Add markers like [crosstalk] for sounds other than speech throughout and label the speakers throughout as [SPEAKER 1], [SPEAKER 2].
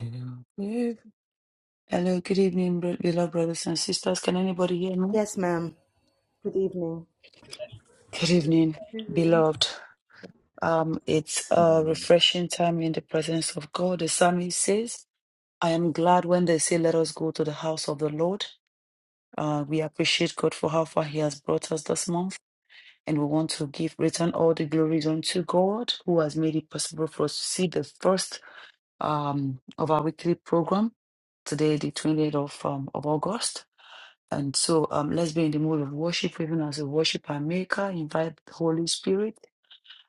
[SPEAKER 1] Yeah. Hello, good evening, bro- beloved brothers and sisters. Can anybody hear me?
[SPEAKER 2] Yes, ma'am. Good evening.
[SPEAKER 1] Good evening, beloved. Um, it's a
[SPEAKER 3] Amen.
[SPEAKER 1] refreshing time in the presence of God. The psalmist says, I am glad when they say, Let us go to the house of the Lord. Uh, we appreciate God for how far He has brought us this month, and we want to give return all the glories unto God, who has made it possible for us to see the first um, of our weekly program today, the 28th of, um, of August. And so um, let's be in the mood of worship, even as we worship our Maker. Invite the Holy Spirit.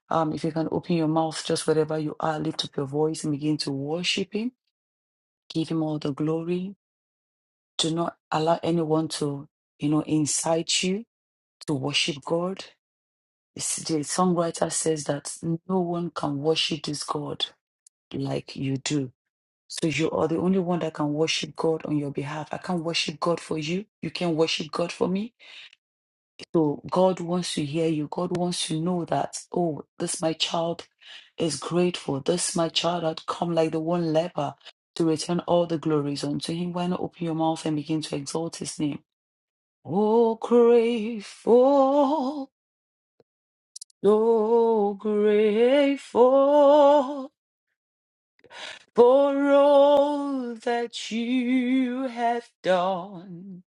[SPEAKER 1] Um, if you can open your mouth just wherever you are, lift up your voice and begin to worship Him. Give Him all the glory. Do not allow anyone to, you know, incite you to worship God. It's- The songwriter says that no one can worship this God like you do. So you are the only one that can worship God on your behalf. I can't worship God for you. You can worship God for me. So God wants to hear you. God wants to know that, oh, this my child is grateful. This my child had come like the one leper to return all the glories unto him. Why not open your mouth and begin to exalt his name? Oh, grateful, so grateful for all that you have done.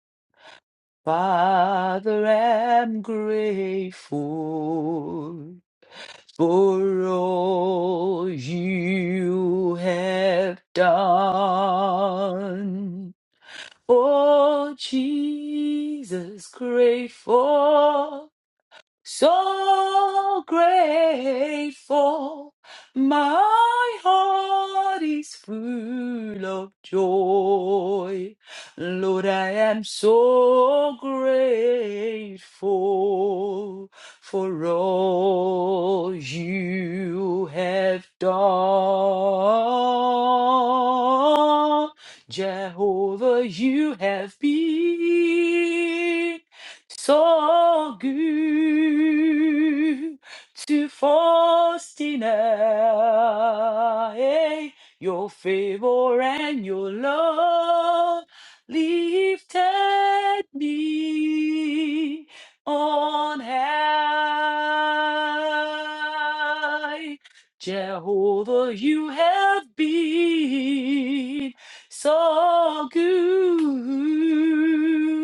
[SPEAKER 1] Father, I'm grateful. for all you have done. Oh, Jesus, grateful. So grateful, my heart is full of joy. Lord, I am so grateful for all you have done. Jehovah, you have been. Så Gud, du forstiner, hey, your favor and your love lifted me on high. Jehovah, you have been so good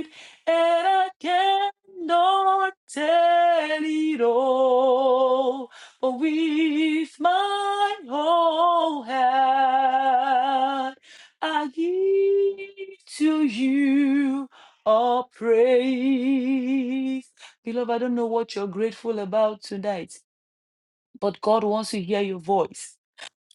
[SPEAKER 1] and I cannot tell it all. But with my whole heart, I give to you all praise. Beloved, I don't know what you're grateful about tonight, but God wants to hear your voice.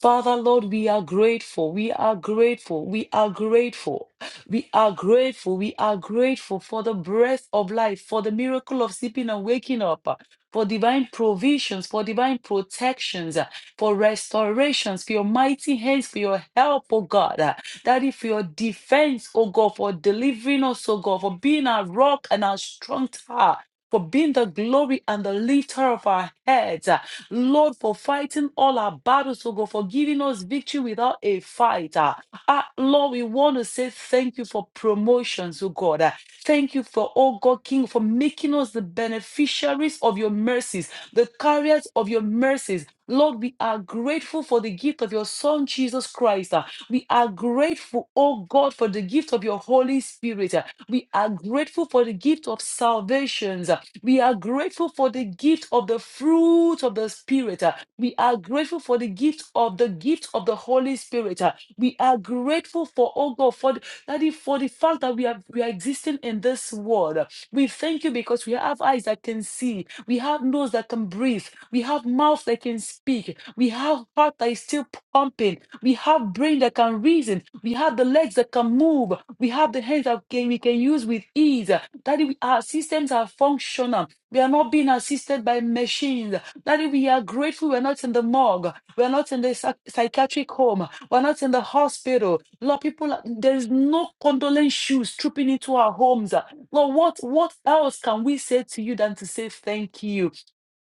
[SPEAKER 1] Father, Lord, we are grateful. We are grateful. We are grateful. We are grateful. We are grateful for the breath of life, for the miracle of sleeping and waking up, uh, for divine provisions, for divine protections, uh, for restorations, for your mighty hands, for your help, oh God. uh, Daddy, for your defense, oh God, for delivering us, oh God, for being our rock and our strong tower. For being the glory and the lifter of our heads. uh, Lord, for fighting all our battles, oh God, for giving us victory without a fight. Ah, Ah, Lord, we want to say thank you for promotions, oh God. Ah, Thank you for, oh God, King, for making us the beneficiaries of your mercies, the carriers of your mercies. Lord, we are grateful for the gift of your Son, Jesus Christ. Ah, We are grateful, oh God, for the gift of your Holy Spirit. Ah, We are grateful for the gift of salvations. ah. We are grateful for the gift of the fruit of the Spirit. uh, We are grateful for the gift of the gift of the Holy Spirit. uh, We are grateful for, oh God, for the, Daddy, for the fact that we are we are existing in this world. uh, We thank you because we have eyes that can see, we have nose that can breathe, we have mouth that can speak, we have heart that is still pumping. We have brain that can reason. We have the legs that can move. We have the hands that can, we can use with ease. Daddy, we, our systems are functional. We are not being assisted by machines. Daddy, we are grateful we're not in the morgue. We're not in the psych- psychiatric home. We're not in the hospital. Lord, people, are- there is no condolence shoes trooping into our homes. Lord, what, what else can we say to you than to say thank you?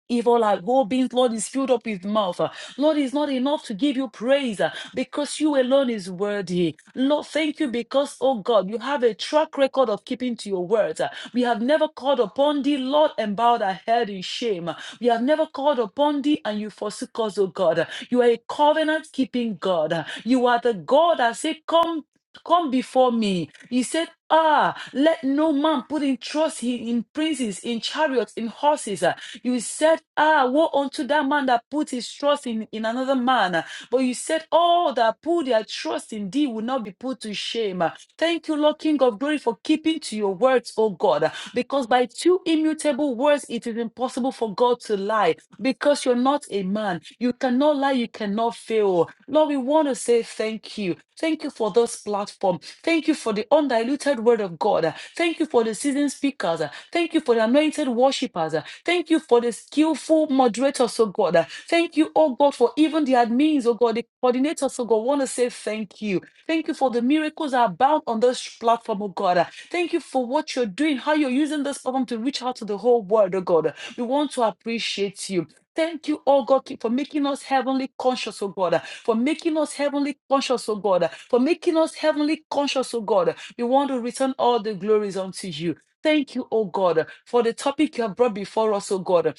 [SPEAKER 1] Evil our whole beings, Lord, is filled up with mouth. Uh, Lord, it's not enough to give you praise uh, because you alone is worthy. Lord, thank you because, oh God, you have a track record of keeping to your words. Uh, We have never called upon thee, Lord, and bowed our head in shame. Uh, We have never called upon thee and you forsook us, oh God. Uh, You are a covenant keeping God. Uh, You are the God that said, Come. Come before me. He said, Ah, let no man put in trust in in princes, in chariots, in horses. uh, you said, Ah, woe unto that man that put his trust in, in another man. But you said, All that put their trust in thee will not be put to shame. Thank you, Lord King of glory, for keeping to your words, O God. Because by two immutable words it is impossible for God to lie because you're not a man. You cannot lie, you cannot fail. Lord, we want to say thank you. Thank you for this platform. Thank you for the undiluted word of God. Thank you for the seasoned speakers. Thank you for the anointed worshipers, Thank you for the skillful moderators, oh God. Thank you, oh God, for even the admins, oh God, the coordinators, oh God. want to say thank you. Thank you for the miracles that abound on this platform, oh God. Thank you for what you're doing, how you're using this platform to reach out to the whole world, oh God. We want to appreciate you. Thank you, oh God, for making us heavenly conscious, oh God, for making us heavenly conscious, oh God, for making us heavenly conscious, oh God. We want to return all the glories unto you. Thank you, oh God, for the topic you have brought before us, oh God.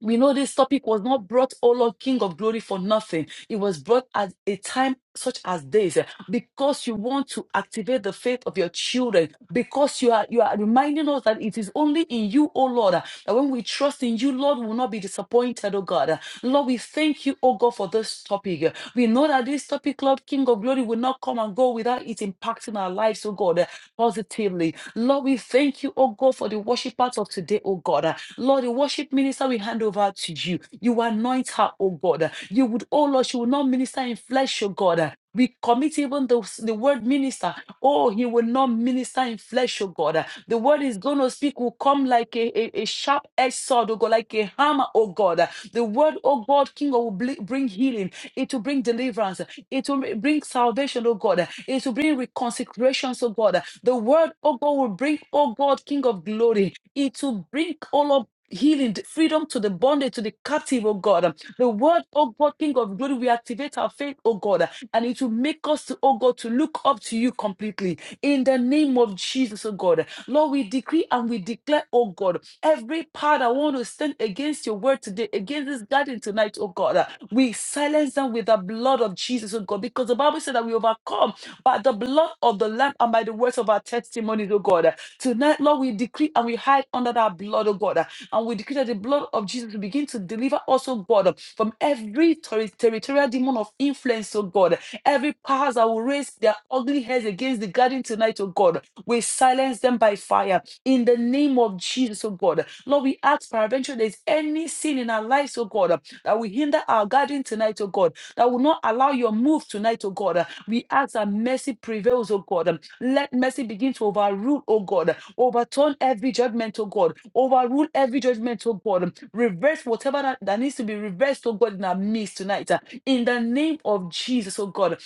[SPEAKER 1] We know this topic was not brought, O Lord, King of glory, for nothing. It was brought at a time such as this eh, because you want to activate the faith of your children, because you are you are reminding us that it is only in you, O Lord, eh, that when we trust in you, Lord, we will not be disappointed, O God. eh. Lord, we thank you, O God, for this topic. eh. We know that this topic, Lord, King of glory, will not come and go without it impacting our lives, O God, eh, positively. Lord, we thank you, O God, for the worship part of today, O God. eh. Lord, the worship minister we hand over to you. You anoint her, oh God. You would, oh Lord, she will not minister in flesh, oh God. We commit even the, the word minister. Oh, he will not minister in flesh, oh God. The word is going to speak will come like a, a, a sharp edge sword, oh God, like a hammer, oh God. The word, oh God, King, will bl- bring healing. It will bring deliverance. It will bring salvation, oh God. It will bring reconciliation, oh God. The word, oh God, will bring, oh God, King of glory. It will bring, all of healing, the freedom to the bondage, to the captive, oh God. The word, oh God, King of glory, we activate our faith, oh God, and it will make us, to, oh God, to look up to you completely. In the name of Jesus, oh God. Lord, we decree and we declare, oh God, every power that want to stand against your word today, against this garden tonight, oh God, we silence them with the blood of Jesus, oh God, because the Bible said that we overcome by the blood of the Lamb and by the words of our testimonies, oh God. Tonight, Lord, we decree and we hide under that blood, oh God. And we decree that the blood of Jesus will begin to deliver us, oh God, from every terri- territorial demon of influence, oh God. Every powers that will raise their ugly heads against the garden tonight, oh God. We silence them by fire in the name of Jesus, oh God. Lord, we ask peradventure there's any sin in our lives, oh God, that will hinder our garden tonight, oh God, that will not allow your move tonight, oh God. We ask that mercy prevails, oh God. Let mercy begin to overrule, oh God, Overturn every judgment, oh God. Overrule every judgment, oh God. Reverse whatever that, that needs to be reversed, oh God, in our midst tonight. uh, In the name of Jesus, oh God.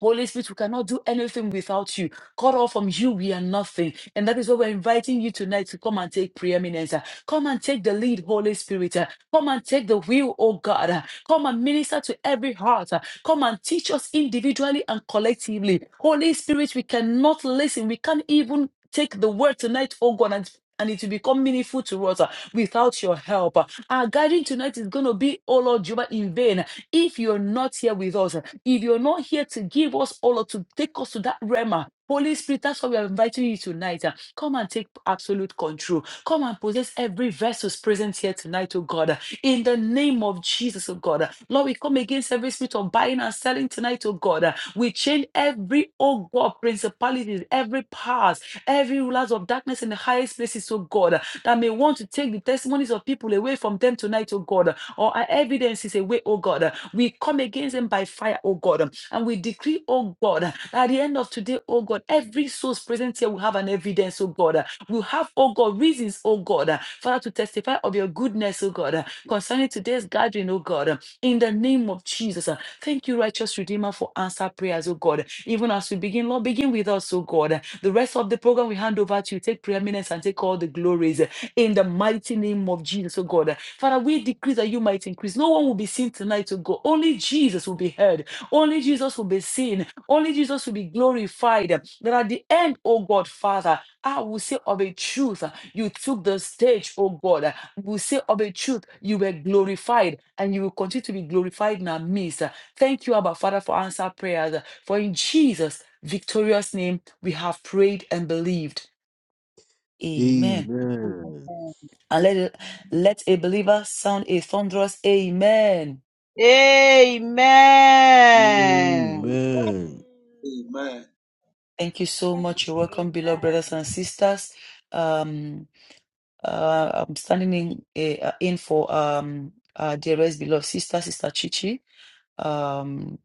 [SPEAKER 1] Holy Spirit, we cannot do anything without you. Cut off from you, we are nothing. And that is why we're inviting you tonight to come and take preeminence. uh, Come and take the lead, Holy Spirit. uh, Come and take the wheel, oh God. uh, Come and minister to every heart. uh, Come and teach us individually and collectively. Holy Spirit, we cannot listen. We can't even take the word tonight, oh God, and and it will become meaningful to us uh, without your help. uh. Our gathering tonight is going to be, oh Lord Jehovah, in vain. If you're not here with us, uh, if you're not here to give us, oh Lord, to take us to that realm, uh, Holy Spirit, that's why we are inviting you tonight. uh. Come and take absolute control. Come and possess every vessel present here tonight, oh God. Uh, in the name of Jesus, oh God. Lord, we come against every spirit of buying and selling tonight, oh God. We change every, oh God, principalities, every powers, every rulers of darkness in the highest places, oh God, that may want to take the testimonies of people away from them tonight, oh God, or our evidence is away, oh God. We come against them by fire, oh God, and we decree, oh God, that at the end of today, oh God, every soul present here will have an evidence, oh God, we have, oh God, reasons, oh God, uh, Father, to testify of your goodness, oh God, uh, concerning today's gathering, oh God, uh, in the name of Jesus. uh, Thank you, righteous Redeemer, for answer prayers, oh God. Even as we begin, Lord, begin with us, oh God. uh, The rest of the program we hand over to you. Take preeminence and take all the glories uh, in the mighty name of Jesus, oh God. uh, Father, we decrease that you might increase. No one will be seen tonight, oh God. Only Jesus will be heard only Jesus will be seen. Only Jesus will be glorified. That at the end, oh God, Father, I will say of a truth, you took the stage, oh God. We will say of a truth, you were glorified and you will continue to be glorified in our midst. Thank you, Abba Father, for answer prayers. For in Jesus' victorious name, we have prayed and believed. Amen. And let, it- let a believer sound a thunderous amen.
[SPEAKER 4] Amen.
[SPEAKER 3] Amen.
[SPEAKER 5] Amen.
[SPEAKER 6] Amen.
[SPEAKER 1] Thank you so much. You're welcome, beloved
[SPEAKER 2] Amen.
[SPEAKER 1] brothers and sisters. Um. Uh, I'm standing in, eh, uh, in for um, uh, dearest beloved sister, Sister Chichi. Um,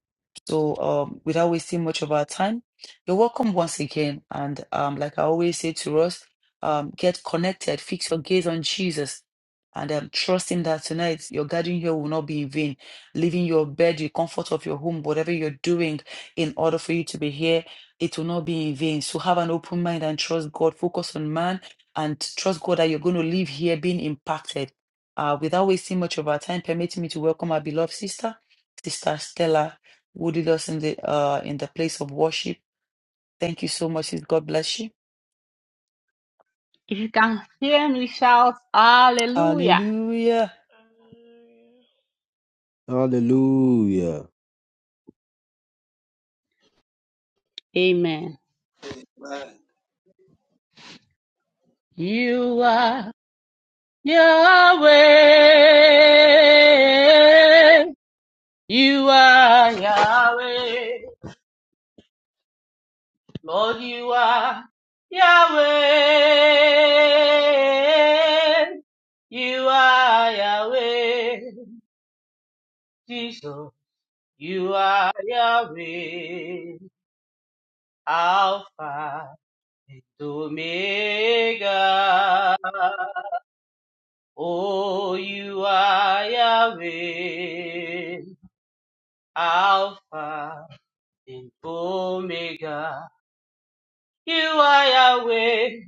[SPEAKER 1] so um, without wasting much of our time, you're welcome once again. And um, like I always say to us, um, get connected, fix your gaze on Jesus, and um, trust Him that tonight your gathering here will not be in vain. Leaving your bed, the comfort of your home, whatever you're doing, in order for you to be here, it will not be in vain. So have an open mind and trust God. Focus on man and trust God that you're going to leave here being impacted. Uh, without wasting much of our time, permit me to welcome our beloved sister. Sister Stella, who did us in the uh in the place of worship. Thank you so much. Sis. God bless you.
[SPEAKER 7] If you can hear me, shout hallelujah.
[SPEAKER 1] Hallelujah.
[SPEAKER 5] Hallelujah.
[SPEAKER 3] Hallelujah.
[SPEAKER 7] Amen.
[SPEAKER 6] Amen.
[SPEAKER 7] You are Yahweh. You are Yahweh. Lord, you are Yahweh. You are Yahweh. Jesus, you are Yahweh. Alpha and Omega. Oh, you are Yahweh, Alpha and Omega. You are Yahweh,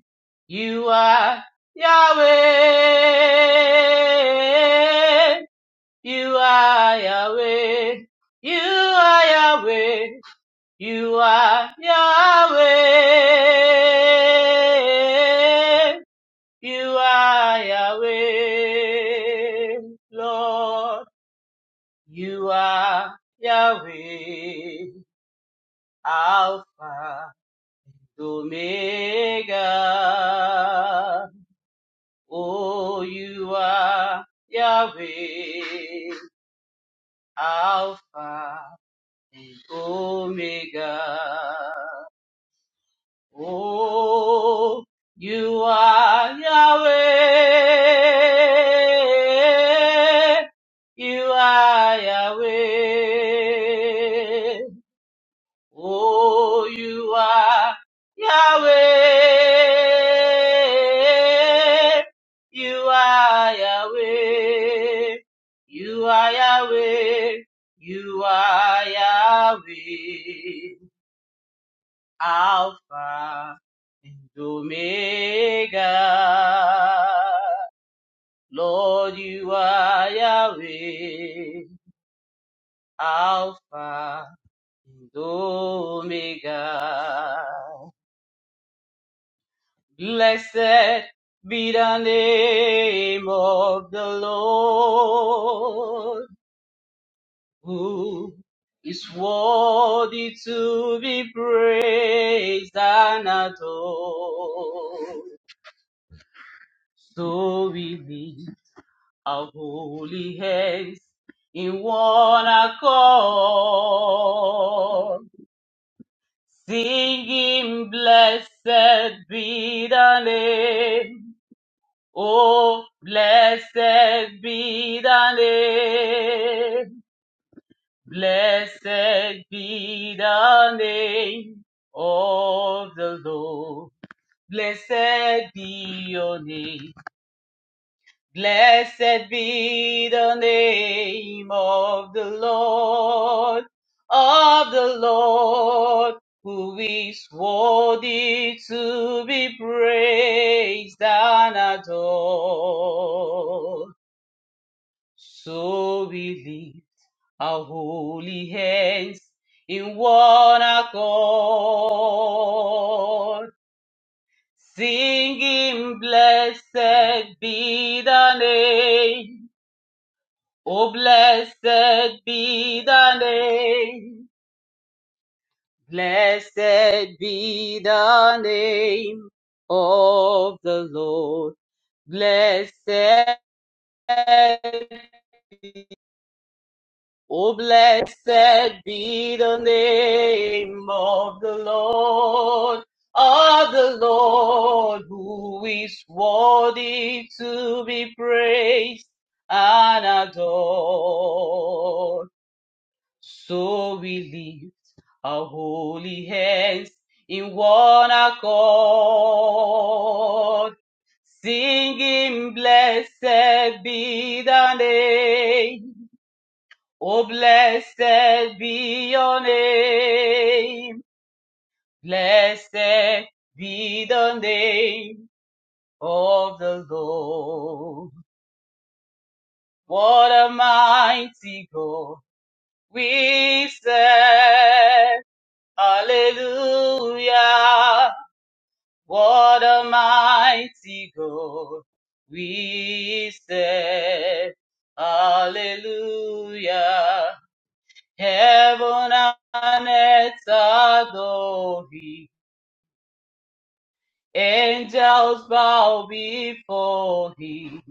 [SPEAKER 7] you are Yahweh, you are Yahweh, you are Yahweh, you are Yahweh, you are Yahweh, Lord. You are Yahweh, Alpha, Omega. Oh, you are Yahweh, Alpha and Omega. Oh, you are Yahweh. You are Yahweh. Oh, you are Yahweh. You are Yahweh. You are Yahweh. You are Yahweh. Alpha and Omega. Lord, you are Yahweh. Alpha and Omega. Blessed be the name of the Lord, who is worthy to be praised and adored. So we lift our holy hands in one accord, singing, Blessed be the name Oh, blessed be the name, blessed be the name of the Lord. Blessed be your name, blessed be the name of the Lord, of the Lord, who is worthy to be praised and adored. So we lift our holy hands in one accord, singing, Blessed be the name. Oh, blessed be the name. Blessed be the name of the Lord. Blessed Oh, blessed be the name of the Lord, of the Lord, who is worthy to be praised and adored. So we lift our holy hands in one accord singing blessed be the name Oh, blessed be your name. Blessed be the name of the Lord. What a mighty God we serve. Hallelujah. What a mighty God we serve. Hallelujah. Heaven and earth adore him. Angels bow before him.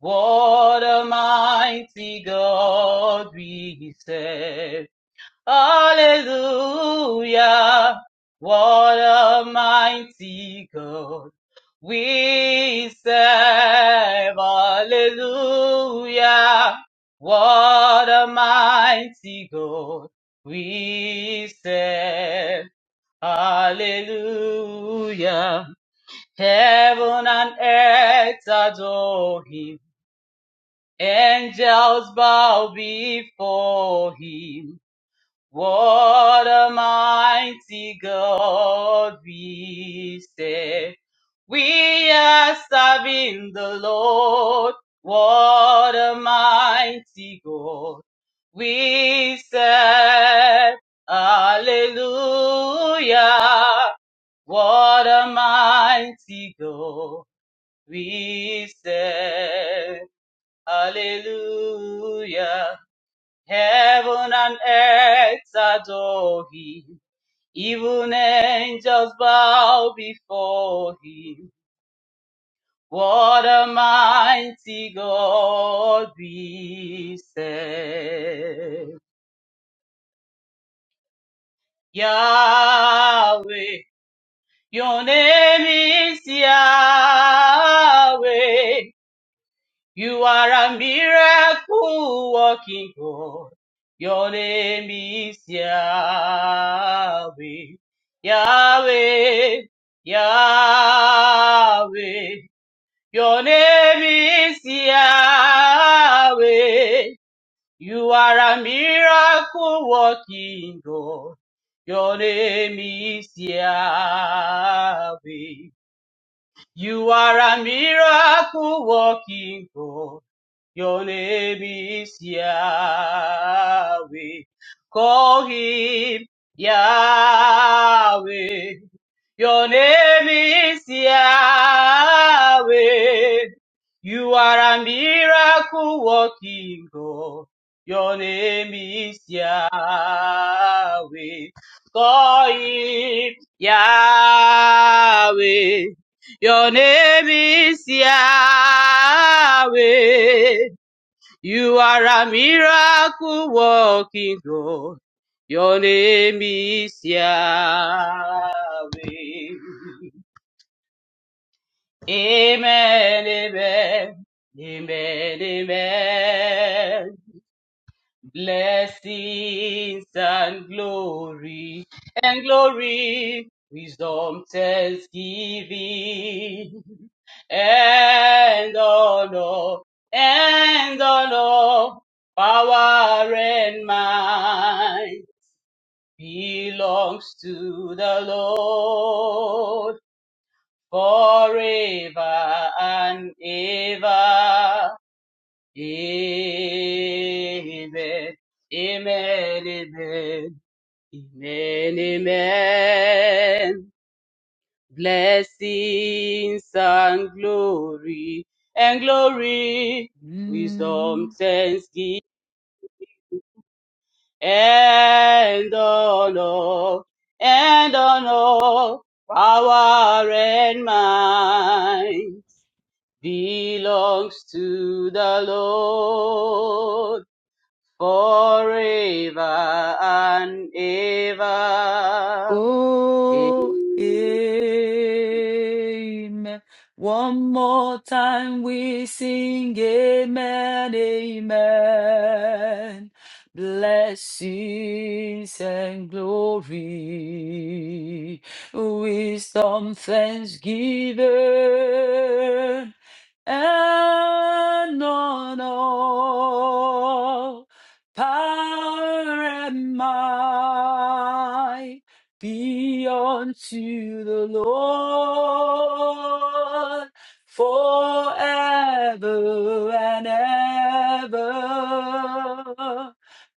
[SPEAKER 7] What a mighty God we serve. Hallelujah. What a mighty God we serve. Hallelujah. What a mighty God we serve. Hallelujah. Heaven and earth adore him. Angels bow before him. What a mighty God we serve. We are serving the Lord. What a mighty God we serve. Hallelujah. What a mighty God we serve. Hallelujah. Heaven and earth adore him. Even angels bow before him. What a mighty God we serve. Yahweh, your name is Yahweh. You are a miracle working God. Your name is Yahweh. Yahweh. Yahweh. Your name is Yahweh. You are a miracle working God. Your name is Yahweh. You are a miracle working God. Your name is Yahweh. Call him Yahweh. Your name is Yahweh. You are a miracle working God. Your name is Yahweh. Call him Yahweh. Your name is Yahweh. You are a miracle working God. Your name is Yahweh. Amen, amen, amen, amen blessings and glory and glory wisdom thanksgiving and honor and honor power and might belongs to the lord forever and ever Amen. Amen. Amen. Amen. Amen. Blessings and glory and glory,
[SPEAKER 1] Mm.
[SPEAKER 7] wisdom, thanksgiving and honor and honor, power and might belongs to the Lord. forever and ever.
[SPEAKER 1] Oh, amen. One more time we sing amen, amen. Blessings and glory, wisdom, thanksgiving, and honor, power and might be unto the Lord forever and ever.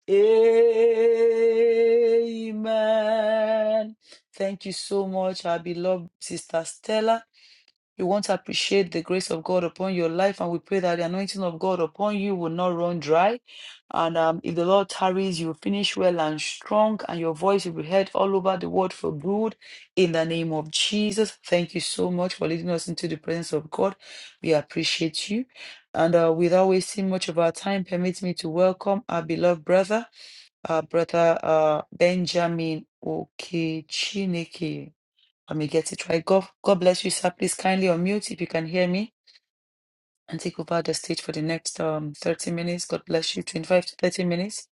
[SPEAKER 1] Amen. Thank you so much, our beloved sister Stella. You want to appreciate the grace of God upon your life, and we pray that the anointing of God upon you will not run dry. And um, if the Lord tarries, you will finish well and strong, and your voice will be heard all over the world for good. In the name of Jesus, thank you so much for leading us into the presence of God. We appreciate you. And uh, without wasting much of our time, permit me to welcome our beloved brother, our brother uh, Benjamin Okechineke. Let me get it right. God, God bless you, sir. Please kindly unmute if you can hear me and take over the stage for the next um 30 minutes. God bless you. 25 to 30 minutes.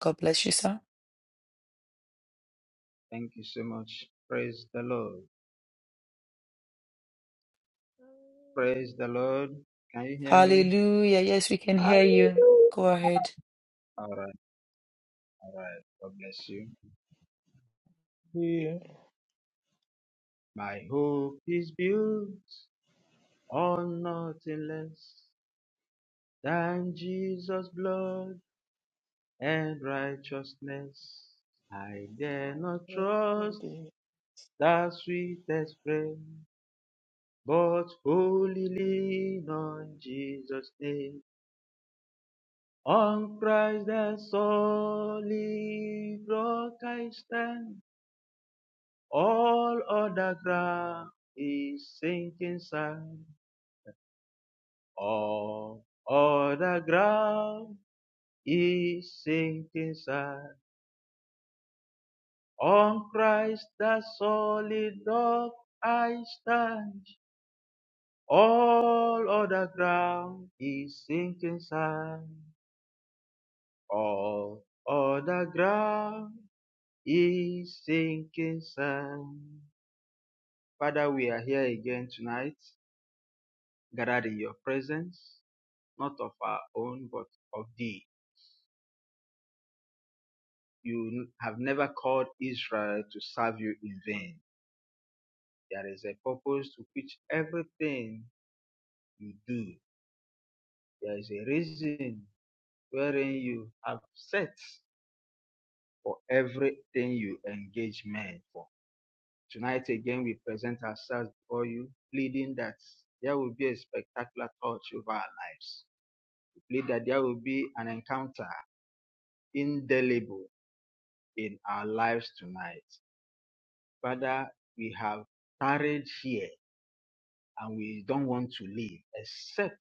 [SPEAKER 1] God bless you, sir.
[SPEAKER 8] Thank you so much. Praise the Lord. Praise the Lord. Can you hear me?
[SPEAKER 1] Hallelujah. Yes, we can hear you. Go ahead.
[SPEAKER 8] All right, all right. God bless you.
[SPEAKER 9] Yeah.
[SPEAKER 8] My hope is built on nothing less than Jesus' blood and righteousness. I dare not trust
[SPEAKER 9] Yeah.
[SPEAKER 8] the sweetest friend, but wholly lean on Jesus' name. On Christ the solid rock I stand. All other ground is sinking sand. All other ground is sinking sand. On Christ the solid rock I stand. All other ground is sinking sand. All other ground is sinking sand. Father, we are here again tonight, gathered in your presence. not of our own, but of thee. You have never called Israel to serve you in vain. There is a purpose to which everything you do. There is a reason wherein you have set for everything you engage men for. Tonight again, we present ourselves before you, pleading that there will be a spectacular touch over our lives. We plead that there will be an encounter indelible in our lives tonight. Father, we have tarried here and we don't want to leave except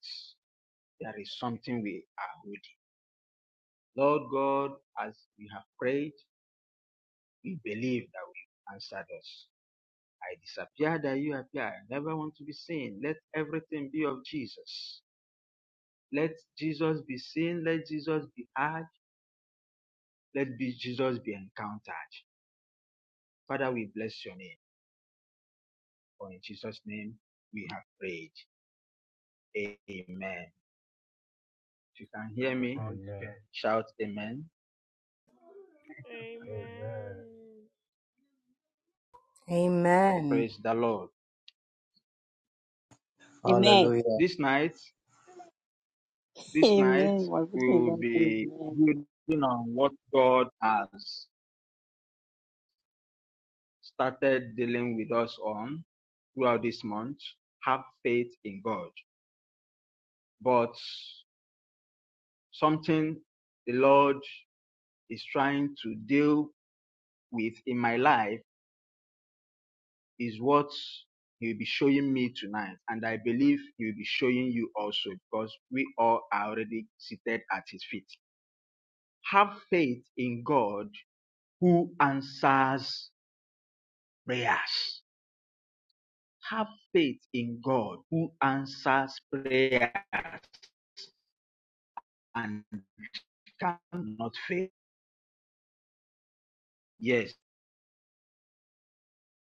[SPEAKER 8] there is something we are holding. Lord God, as we have prayed, we believe that you answered us. I disappear that you appear. I never want to be seen. Let everything be of Jesus. Let Jesus be seen. Let Jesus be heard. Let be Jesus be encountered. Father, we bless your name. For in Jesus' name we have prayed. Amen. If you can
[SPEAKER 10] You know,
[SPEAKER 8] hear
[SPEAKER 10] like
[SPEAKER 8] me,
[SPEAKER 10] Oh it's yeah,
[SPEAKER 8] Shout amen.
[SPEAKER 5] Hallelujah.
[SPEAKER 10] amen.
[SPEAKER 5] Amen.
[SPEAKER 2] Amen.
[SPEAKER 8] Praise the Lord.
[SPEAKER 11] Amen.
[SPEAKER 12] Hallelujah.
[SPEAKER 8] This night,
[SPEAKER 11] [laughs]
[SPEAKER 8] this night,
[SPEAKER 11] Amen. Wonderful
[SPEAKER 8] we
[SPEAKER 11] thing,
[SPEAKER 8] will
[SPEAKER 11] that's
[SPEAKER 8] be
[SPEAKER 11] Amen.
[SPEAKER 8] building on what God has started dealing with us on throughout this month. Have faith in God. But something the Lord is trying to deal with in my life is what He'll be showing me tonight. And I believe He'll be showing you also because we all are already seated at His feet. Have faith in God who answers prayers. Have faith in God who answers prayers and cannot fail. Yes,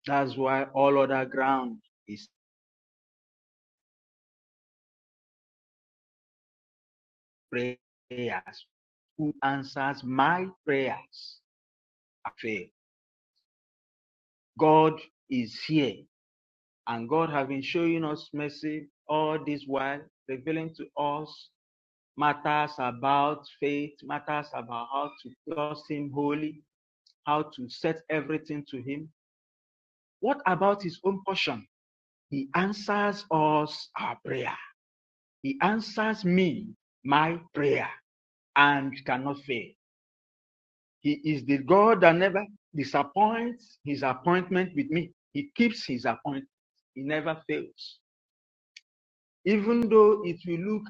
[SPEAKER 8] that's why all other ground is prayers. Who answers my prayers? I fail. God is here, and God has been showing us mercy all this while, revealing to us matters about faith, matters about how to trust Him wholly, how to set everything to Him. What about His own portion? He answers us our prayer. He answers me my prayer and cannot fail. He is the God that never disappoints his appointment with me. He keeps his appointment. He never fails. Even though it will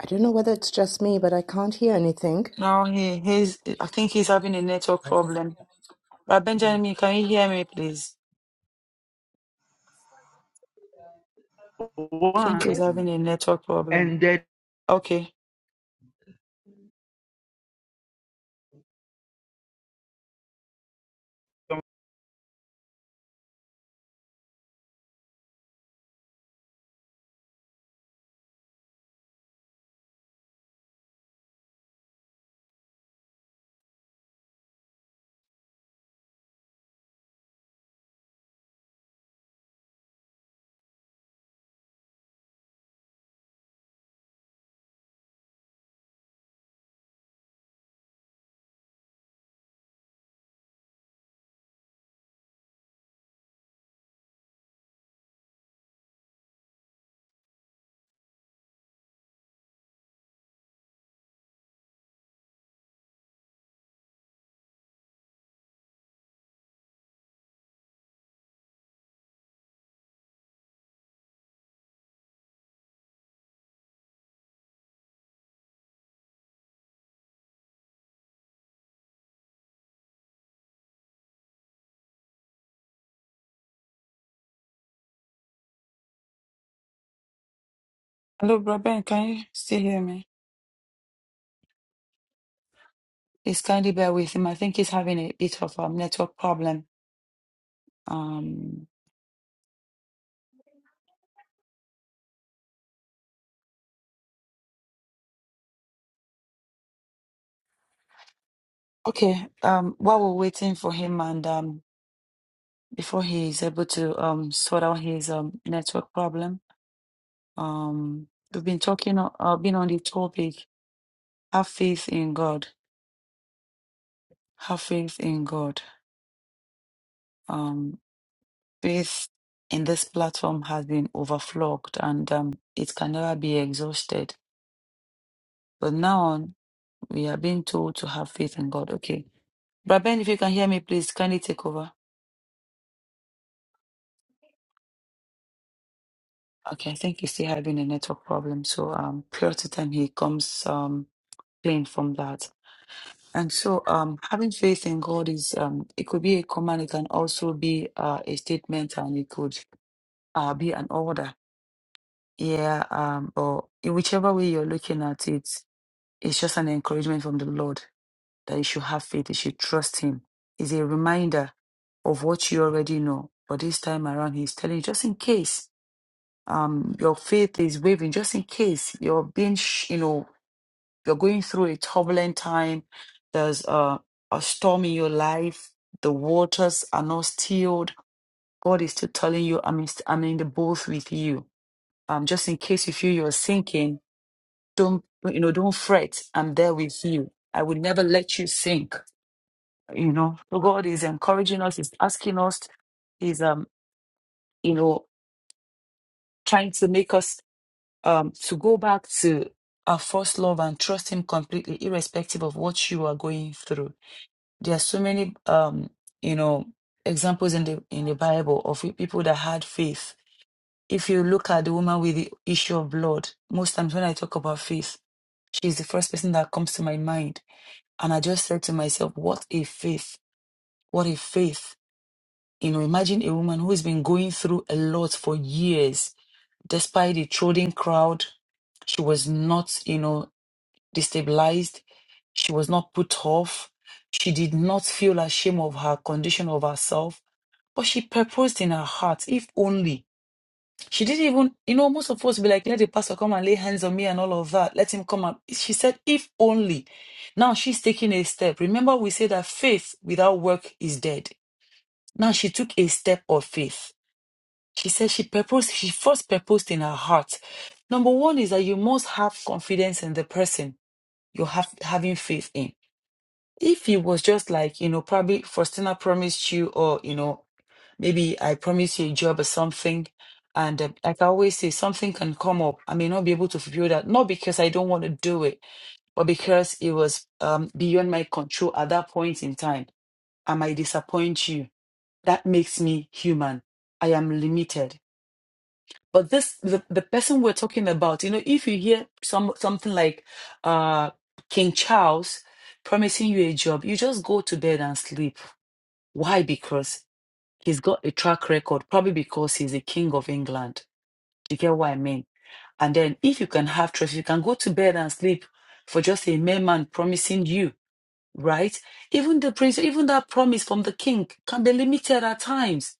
[SPEAKER 2] I don't know whether it's just me, but I can't hear anything.
[SPEAKER 1] Now he he's I think he's having a network problem. But
[SPEAKER 2] Okay.
[SPEAKER 1] Benjamin, can you hear me, please?
[SPEAKER 8] look
[SPEAKER 1] I think
[SPEAKER 4] Yes,
[SPEAKER 1] he's
[SPEAKER 8] one
[SPEAKER 1] having a network problem.
[SPEAKER 8] ended
[SPEAKER 1] Okay. Hello, Brother Ben, can you still hear me? Please kindly bear with him. I think he's having a bit of a network problem. Um. Okay, um, while we're waiting for him and um, before he's able to um, sort out his um, network problem, um, we've been talking, o- uh, been on the topic, have faith in God, have faith in God. Um, faith in this platform has been overflogged and um, it can never be exhausted. But now on, we are being told to have faith in God. Okay. Braben, if you can hear me, please kindly take over. Okay, I think he's still having a network problem. So um prior to time he comes um clean from that. And so um having faith in God is um it could be a command, it can also be uh, a statement and it could uh be an order. Yeah, um or in whichever way you're looking at it, it's just an encouragement from the Lord that you should have faith, you should trust him. It's a reminder of what you already know. But this time around he's telling you just in case um your faith is waving just in case you're being sh- you know you're going through a turbulent time there's a, a storm in your life the waters are not stilled god is still telling you i'm in, I'm in the boat with you um just in case you feel you're sinking don't you know don't fret i'm there with you i will never let you sink you know so god is encouraging us he's asking us he's um you know trying to make us um, to go back to our first love and trust Him completely, irrespective of what you are going through. There are so many, um, you know, examples in the in the Bible of people that had faith. If you look at the woman with the issue of blood, most times when I talk about faith, she's the first person that comes to my mind. And I just said to myself, what a faith! What a faith! You know, imagine a woman who has been going through a lot for years, despite the trolling crowd, she was not, you know, destabilized. She was not put off. She did not feel ashamed of her condition of herself, but she purposed in her heart, if only. She didn't even, you know, most of us be like, let the pastor come and lay hands on me and all of that. Let him come and. She said, if only. Now she's taking a step. Remember, we said that faith without work is dead. Now she took a step of faith. She said she purposed, she first purposed in her heart. Number one is that you must have confidence in the person you have having faith in if it was just like, you know, probably Faustina promised you, or, you know, maybe I promised you a job or something. And uh, like I always say, something can come up. I may not be able to fulfill that, not because I don't want to do it, but because it was um, beyond my control at that point in time. I might disappoint you. That makes me human. I am limited. But this the, the person we're talking about, you know, if you hear some something like uh King Charles promising you a job, you just go to bed and sleep. Why? Because he's got a track record, probably because he's a king of England. You get what I mean? And then if you can have trust, you can go to bed and sleep for just a mere man promising you, right? Even the prince, even that promise from the king can be limited at times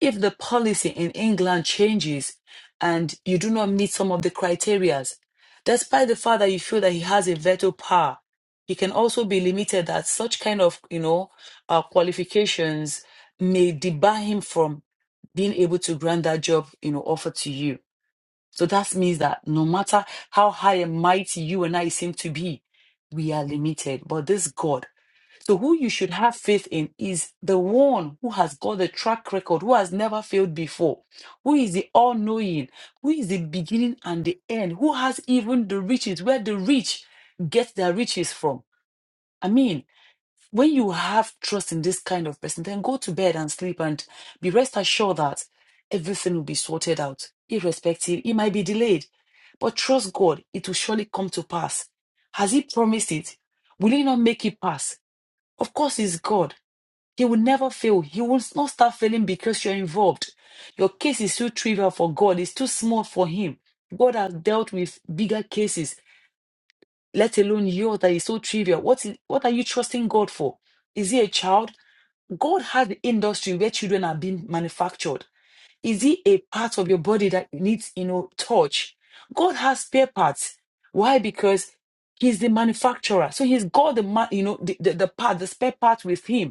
[SPEAKER 1] if the policy in England changes and you do not meet some of the criterias, despite the fact that you feel that he has a veto power, he can also be limited that such kind of you know uh, qualifications may debar him from being able to grant that job you know offer to you. So that means that no matter how high and mighty you and I seem to be, we are limited. But this God so, who you should have faith in is the one who has got the track record, who has never failed before, who is the all knowing, who is the beginning and the end, who has even the riches, where the rich get their riches from. I mean, when you have trust in this kind of person, then go to bed and sleep and be rest assured that everything will be sorted out, irrespective. It might be delayed, but trust God, it will surely come to pass. Has He promised it? Will He not make it pass? Of course, he's God. He will never fail. He will not start failing because you're involved. Your case is too trivial for God. It's too small for him. God has dealt with bigger cases, let alone yours that is so trivial. What, is, what are you trusting God for? Is he a child? God has the industry where children are being manufactured. Is he a part of your body that needs, you know, touch? God has spare parts. Why? Because he's the manufacturer. So he's got the, ma- you know, the, the, the part, the spare part with him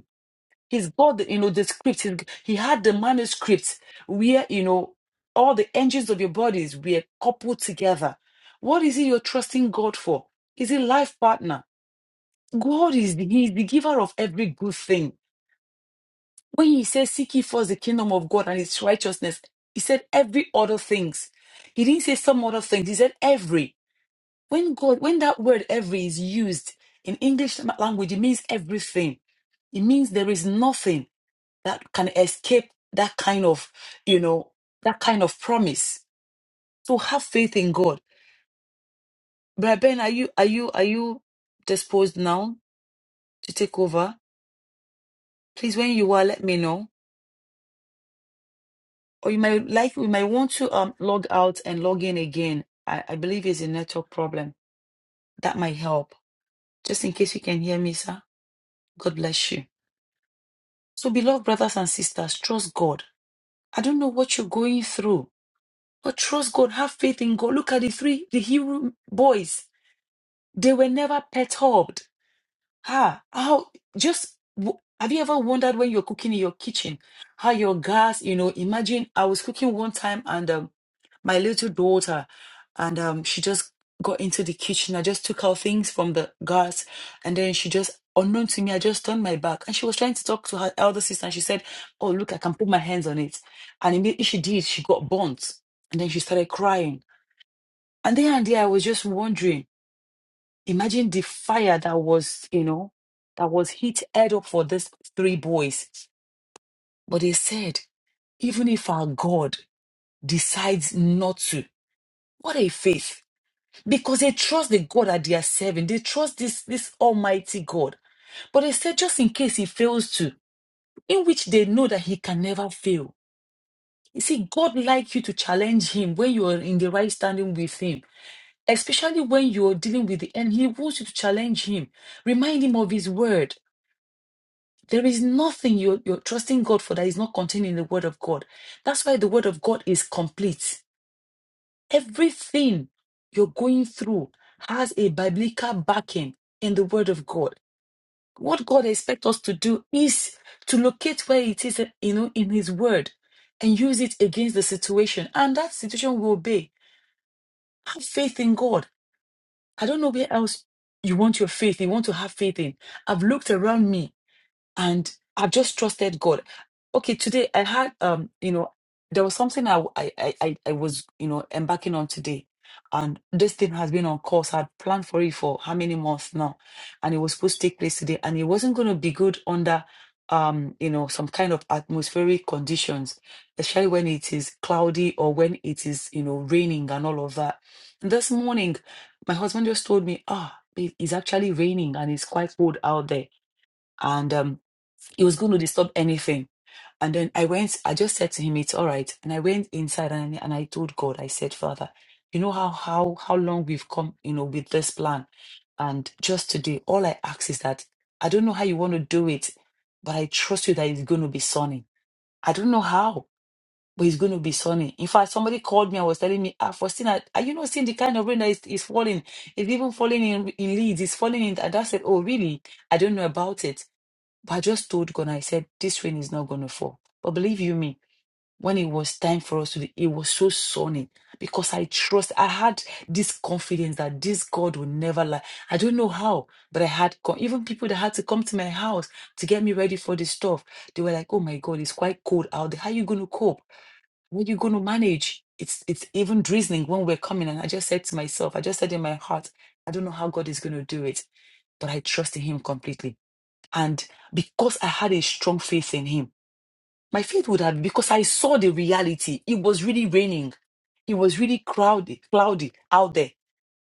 [SPEAKER 1] He's got the, you know, the script. He's, he had the manuscript where, you know, all the engines of your bodies were coupled together. What is it you're trusting God for? Is it life partner? God is the, he is the giver of every good thing. When he says, seek ye first the kingdom of God and His righteousness, he said every other things. He didn't say some other things. He said every. When God, when that word every is used in English language, it means everything. It means there is nothing that can escape that kind of, you know, that kind of promise. So have faith in God. Brother Ben, are you are you are you disposed now to take over? Please, when you are, let me know. Or you might like we might want to um log out and log in again. I, I believe it's a network problem. That might help. Just in case you can hear me, sir. God bless you. So beloved brothers and sisters, trust God. I don't know what you're going through, but trust God, have faith in God. Look at the three, the Hebrew boys They were never perturbed. Ah, how just w- have you ever wondered when you're cooking in your kitchen how your gas, you know, imagine I was cooking one time and um, my little daughter and um, she just got into the kitchen. I just took out things from the gas and then she just, unknown to me, I just turned my back and she was trying to talk to her elder sister and she said, Oh, look, I can put my hands on it. And immediately she did, she got burnt and then she started crying. And there and there, I was just wondering imagine the fire that was, you know, that was hit head up for these three boys. But they said, even if our God decides not to, what a faith. Because they trust the God that they are serving. They trust this, this almighty God. But they said, just in case he fails to, in which they know that he can never fail. You see, God like you to challenge him when you are in the right standing with him, especially when you are dealing with the enemy. He wants you to challenge him, remind him of his word There is nothing you, you're trusting God for that is not contained in the Word of God. That's why the Word of God is complete. Everything you're going through has a biblical backing in the Word of God. What God expects us to do is to locate where it is, you know, in His Word and use it against the situation. And that situation will obey. Have faith in God. I don't know where else you want your faith, you want to have faith in. I've looked around me and I've just trusted God. Okay, today I had um, you know, there was something I I I, I I was you know embarking on today, and this thing has been on course. I'd planned for it for how many months now, and it was supposed to take place today, and it wasn't going to be good under um you know some kind of atmospheric conditions especially when it is cloudy or when it is you know raining and all of that and this morning my husband just told me ah it- it's actually raining and it's quite cold out there and um he was going to disturb anything. And then I went, I just said to him, it's all right. And I went inside and, and I told God, I said, Father, you know how how how long we've come, you know, with this plan. And just today, all I ask is that I don't know how you want to do it, but I trust you that it's going to be sunny. I don't know how, but it's going to be sunny. In fact, somebody called me and was telling me, ah, Faustina, are you not seeing the kind of rain that is, is falling? It's even falling in, in Leeds. It's falling in. And I said, oh, really? I don't know about it. But I just told God, I said, this rain is not going to fall. But believe you me, when it was time for us to do, it was so sunny because I trust, I had this confidence that this God will never lie. I don't know how, but I had, co- even people that had to come to my house to get me ready for this stuff, they were like, oh my God, it's quite cold out there. How are you going to cope? How are you going to manage? It's, it's even drizzling when we're coming. And I just said to myself, I just said in my heart, I don't know how God is going to do it, but I trust in Him completely. And because I had a strong faith in him, my faith would have, because I saw the reality, it was really raining. It was really crowded, cloudy out there.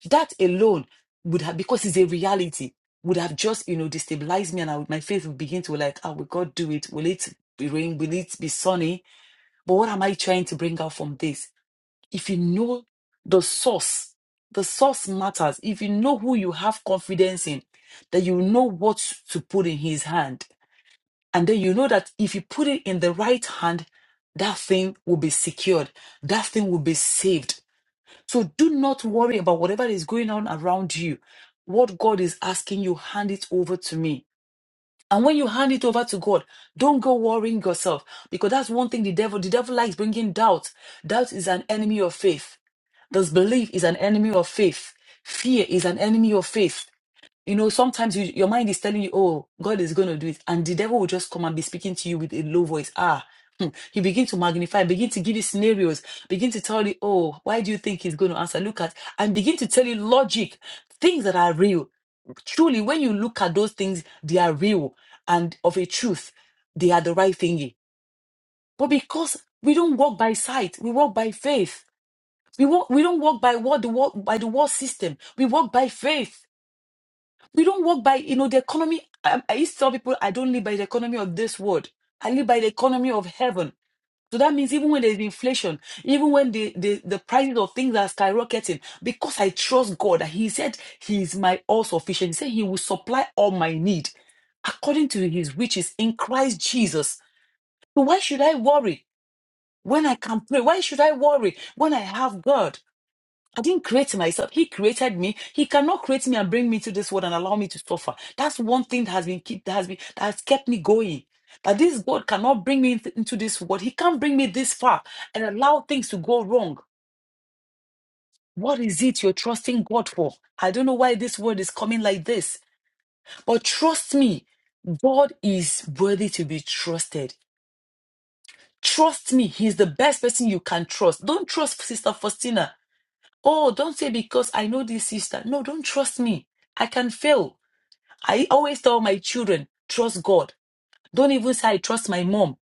[SPEAKER 1] That alone would have, because it's a reality, would have just, you know, destabilized me. And I would, my faith would begin to like, oh, will God do it? Will it be rain? Will it be sunny? But what am I trying to bring out from this? If you know the source, the source matters. If you know who you have confidence in, that you know what to put in his hand and then you know that if you put it in the right hand, that thing will be secured, that thing will be saved. So do not worry about whatever is going on around you. What God is asking you, hand it over to me. And when you hand it over to God, don't go worrying yourself because that's one thing the devil, the devil likes bringing doubt. Doubt is an enemy of faith. Disbelief is an enemy of faith. Fear is an enemy of faith. You know, sometimes you, your mind is telling you, oh, God is going to do it. And the devil will just come and be speaking to you with a low voice. Ah, hmm. he begin to magnify, begin to give you scenarios, begin to tell you, oh, why do you think he's going to answer? Look at, and begin to tell you logic, things that are real. Truly, when you look at those things, they are real and of a truth. They are the right thingy. But because we don't walk by sight, we walk by faith. We walk, we don't walk by what the world by the world system. We walk by faith. We don't work by, you know, the economy. I, I used to tell people I don't live by the economy of this world. I live by the economy of heaven. So that means even when there's inflation, even when the, the, the prices of things are skyrocketing, because I trust God, and He said He is my all sufficient. He said He will supply all my need according to His riches in Christ Jesus. So why should I worry when I can pray? Why should I worry when I have God? I didn't create myself. He created me. He cannot create me and bring me to this world and allow me to suffer. That's one thing that has been keep, that has been that has kept me going. That this God cannot bring me into into this world. He can't bring me this far and allow things to go wrong. What is it you're trusting God for? I don't know why this word is coming like this, but trust me, God is worthy to be trusted. Trust me, He's the best person you can trust. Don't trust Sister Faustina. Oh, don't say because I know this sister. No, don't trust me. I can fail. I always tell my children, trust God. Don't even say I trust my mom.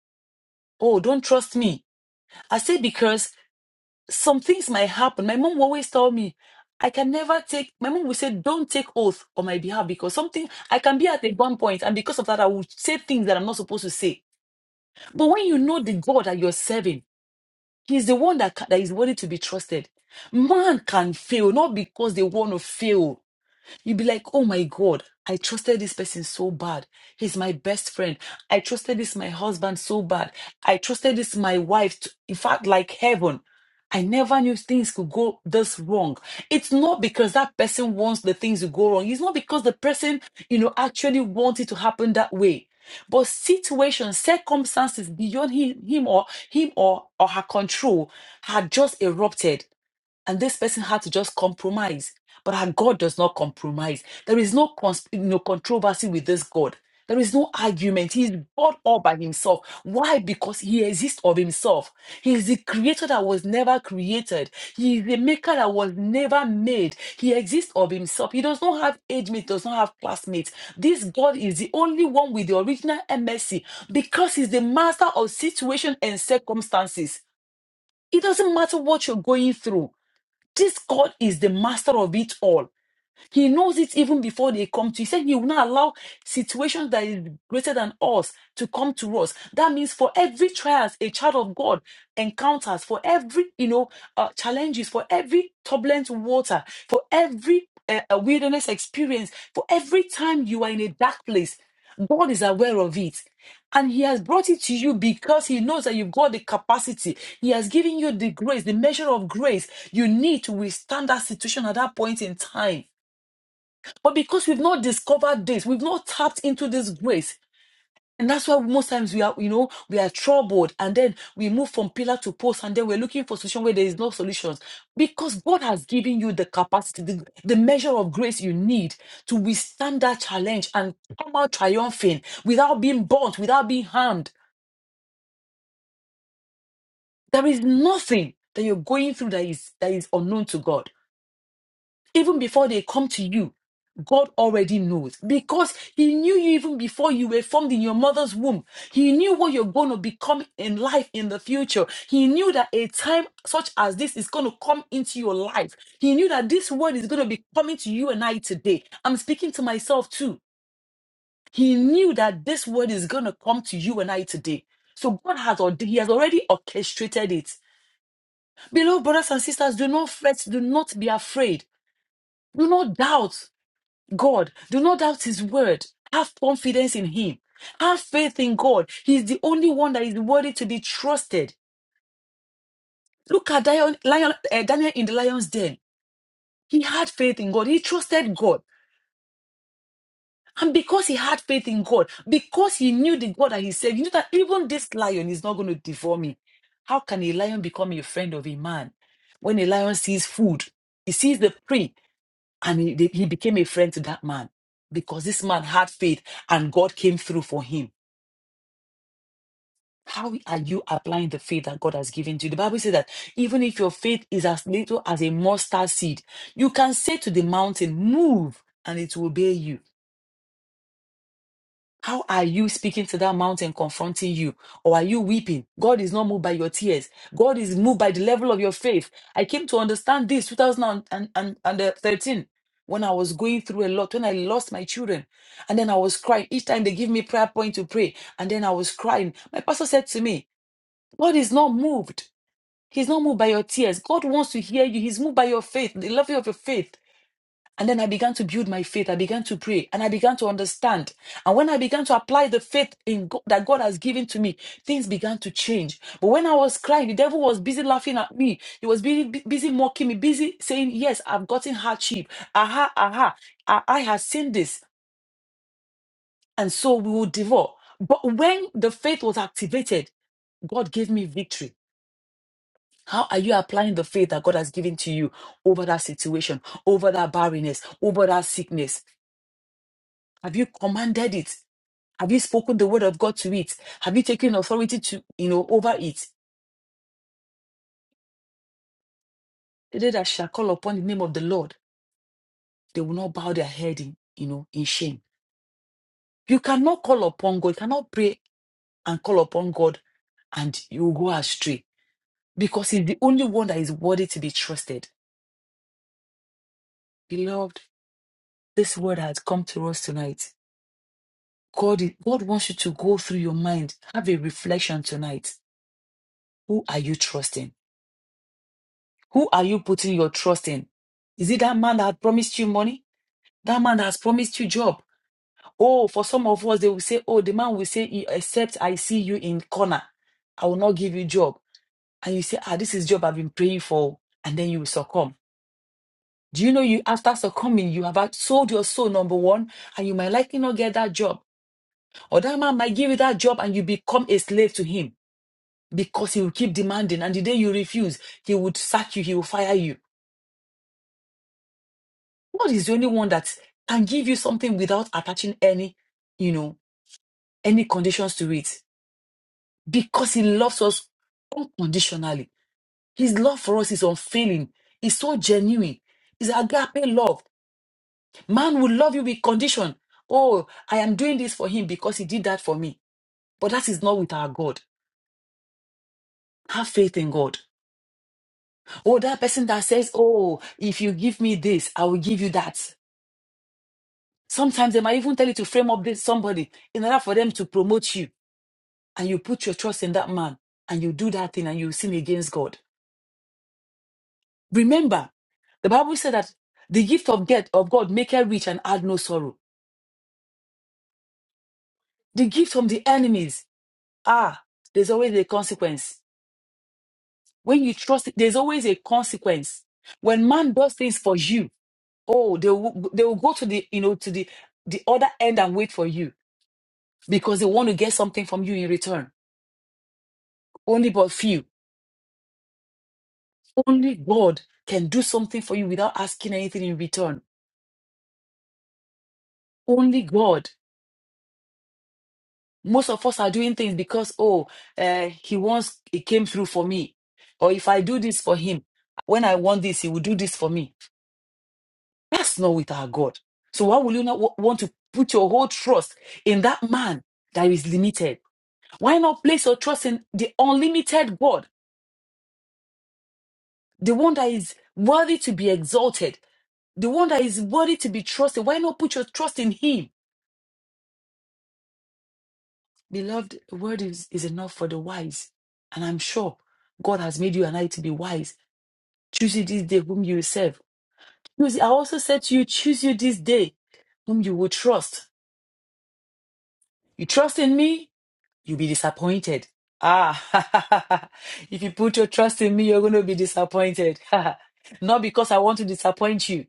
[SPEAKER 1] Oh, don't trust me. I say because some things might happen. My mom will always tell me, I can never take, my mom will say, don't take oath on my behalf because something, I can be at a one point and because of that, I will say things that I'm not supposed to say. But when you know the God that you're serving, He's the one that, ca- that is worthy to be trusted. Man can fail, not because they want to fail You'd be like, oh my God, I trusted this person so bad. He's my best friend. I trusted this my husband so bad. I trusted this my wife. To, in fact, like heaven. I never knew things could go this wrong. It's not because that person wants the things to go wrong. It's not because the person, you know, actually wants it to happen that way. But situations, circumstances beyond him, him or him or, or her control had just erupted and this person had to just compromise. But our God does not compromise. There is no, cons- no controversy with this God. There is no argument. He is God all by himself. Why? Because he exists of himself. He is the creator that was never created. He is the maker that was never made. He exists of himself. He does not have age mates, does not have classmates. This God is the only one with the original MSC because he's the master of situation and circumstances. It doesn't matter what you're going through. This God is the master of it all. He knows it even before they come to. He said he will not allow situations that is greater than us to come to us. That means for every trials a child of God encounters, for every you know uh, challenges, for every turbulent water, for every uh, uh, wilderness experience, for every time you are in a dark place, God is aware of it. And he has brought it to you because he knows that you've got the capacity. He has given you the grace, the measure of grace you need to withstand that situation at that point in time. But because we've not discovered this, we've not tapped into this grace. And that's why most times we are, you know, we are troubled and then we move from pillar to post and then we're looking for solution where there is no solutions. Because God has given you the capacity, the, the measure of grace you need to withstand that challenge and come out triumphing without being burnt, without being harmed. There is nothing that you're going through that is that is unknown to God. Even before they come to you, God already knows because He knew you even before you were formed in your mother's womb. He knew what you're going to become in life in the future. He knew that a time such as this is going to come into your life. He knew that this word is going to be coming to you and I today. I'm speaking to myself too. He knew that this word is going to come to you and I today. So God has already, He has already orchestrated it. Beloved brothers and sisters, do not fret, do not be afraid, do not doubt. God. Do not doubt his word. Have confidence in him. Have faith in God. He's the only one that is worthy to be trusted. Look at Dion, lion, uh, Daniel in the lion's den. He had faith in God. He trusted God. And because he had faith in God, because he knew the God that he said, you know that even this lion is not going to devour me. How can a lion become a friend of a man? When a lion sees food, he sees the prey, and he, he became a friend to that man because this man had faith and God came through for him. How are you applying the faith that God has given to you? The Bible says that even if your faith is as little as a mustard seed, you can say to the mountain, Move, and it will obey you. How are you speaking to that mountain, confronting you? Or are you weeping? God is not moved by your tears. God is moved by the level of your faith. I came to understand this 2013 when I was going through a lot, when I lost my children. And then I was crying. Each time they give me prayer point to pray. And then I was crying. My pastor said to me, God is not moved. He's not moved by your tears. God wants to hear you. He's moved by your faith, the level of your faith. And then I began to build my faith. I began to pray and I began to understand. And when I began to apply the faith in God, that God has given to me, things began to change. But when I was crying, the devil was busy laughing at me. He was busy, busy mocking me, busy saying, Yes, I've gotten hardship. Aha, aha. I, I have seen this. And so we will devour. But when the faith was activated, God gave me victory. How are you applying the faith that God has given to you over that situation, over that barrenness, over that sickness? Have you commanded it? Have you spoken the word of God to it? Have you taken authority to, you know, over it? They that shall call upon the name of the Lord, they will not bow their head in, you know, in shame. You cannot call upon God, you cannot pray and call upon God and you will go astray because He's the only one that is worthy to be trusted. Beloved, this word has come to us tonight God, is- God wants you to go through your mind, have a reflection tonight. Who are you trusting? Who are you putting your trust in? Is it that man that had promised you money? That man that has promised you job? Oh, for some of us, they will say, oh, the man will say, "E- except I see you in corner, I will not give you job. And you say, ah, this is job I've been praying for. And then you will succumb. Do you know you after succumbing, you have out- sold your soul, number one, and you might likely not get that job. Or that man might give you that job and you become a slave to him. because he will keep demanding. And the day you refuse, he would sack you, he will fire you. God is the only one that can give you something without attaching any, you know, any conditions to it because he loves us unconditionally. His love for us is unfailing, it's so genuine. It's agape love. Man will love you with condition. Oh, I am doing this for him because he did that for me. But that is not with our God. Have faith in God. Oh, that person that says, Oh, if you give me this, I will give you that. Sometimes they might even tell you to frame up this somebody in order for them to promote you. And you put your trust in that man and you do that thing and you sin against God. Remember, the Bible said that the gift of death of God make her rich and add no sorrow. The gift from the enemies, ah, there's always a consequence. When you trust, there's always a consequence. When man does things for you, oh, they will, they will go to the you know to the the other end and wait for you because they want to get something from you in return. Only but few. Only God can do something for you without asking anything in return. Only God. Most of us are doing things because, oh, uh, he wants, he came through for me. Or if I do this for him, when I want this, he will do this for me. That's not with our God. So why will you not wa- want to put your whole trust in that man that is limited? Why not place your trust in the unlimited God, the one that is worthy to be exalted, the one that is worthy to be trusted? Why not put your trust in him? Beloved, the word is, is enough for the wise. And I'm sure God has made you and I to be wise. Choose you this day whom you will serve. Choose- I also said to you, choose you this day whom you will trust. You trust in me, you'll be disappointed. Ah, [laughs] if you put your trust in me, you're going to be disappointed. [laughs] Not because I want to disappoint you,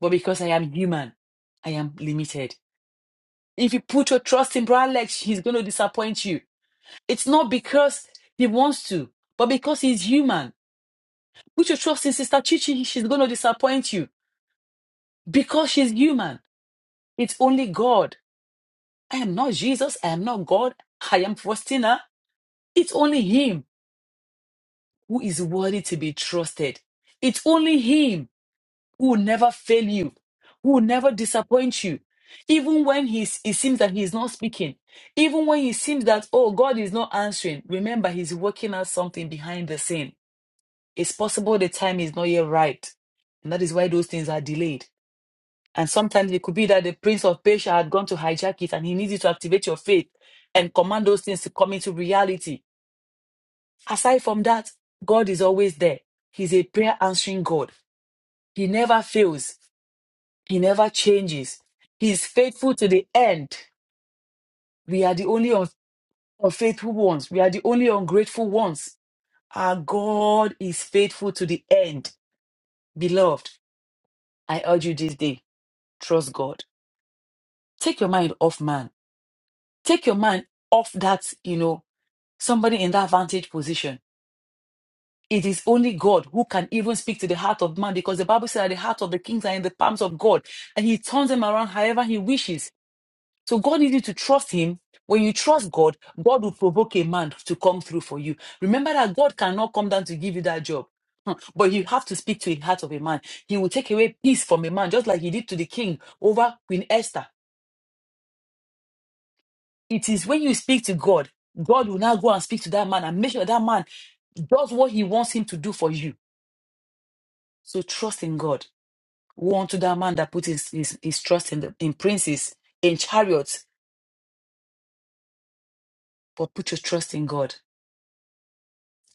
[SPEAKER 1] but because I am human. I am limited. If you put your trust in Bralex, he's going to disappoint you. It's not because he wants to, but because he's human. Put your trust in Sister Chichi. She's going to disappoint you because she's human. It's only God. I am not Jesus. I am not God. I am Faustina. It's only Him who is worthy to be trusted. It's only Him who will never fail you, who will never disappoint you. Even when he's, it seems that He is not speaking, even when it seems that, oh, God is not answering, remember he's working out something behind the scene It's possible the time is not yet right. And that is why those things are delayed. And sometimes it could be that the Prince of Persia had gone to hijack it and he needs you to activate your faith and command those things to come into reality. Aside from that, God is always there. He's a prayer answering God. He never fails, He never changes. He is faithful to the end. We are the only un- unfaithful ones, we are the only ungrateful ones. Our God is faithful to the end. Beloved, I urge you this day trust God. Take your mind off man. Take your mind off that, you know, somebody in that vantage position. It is only God who can even speak to the heart of man because the Bible said that the heart of the kings are in the palms of God and he turns them around however he wishes. So God needs you to trust him. When you trust God, God will provoke a man to come through for you. Remember that God cannot come down to give you that job. Hmm. But you have to speak to the heart of a man. He will take away peace from a man, just like he did to the king over Queen Esther. It is when you speak to God, God will now go and speak to that man and make sure that man does what he wants him to do for you. So trust in God. Woe unto that man that put his, his, his trust in, the, in princes, in chariots, but put your trust in God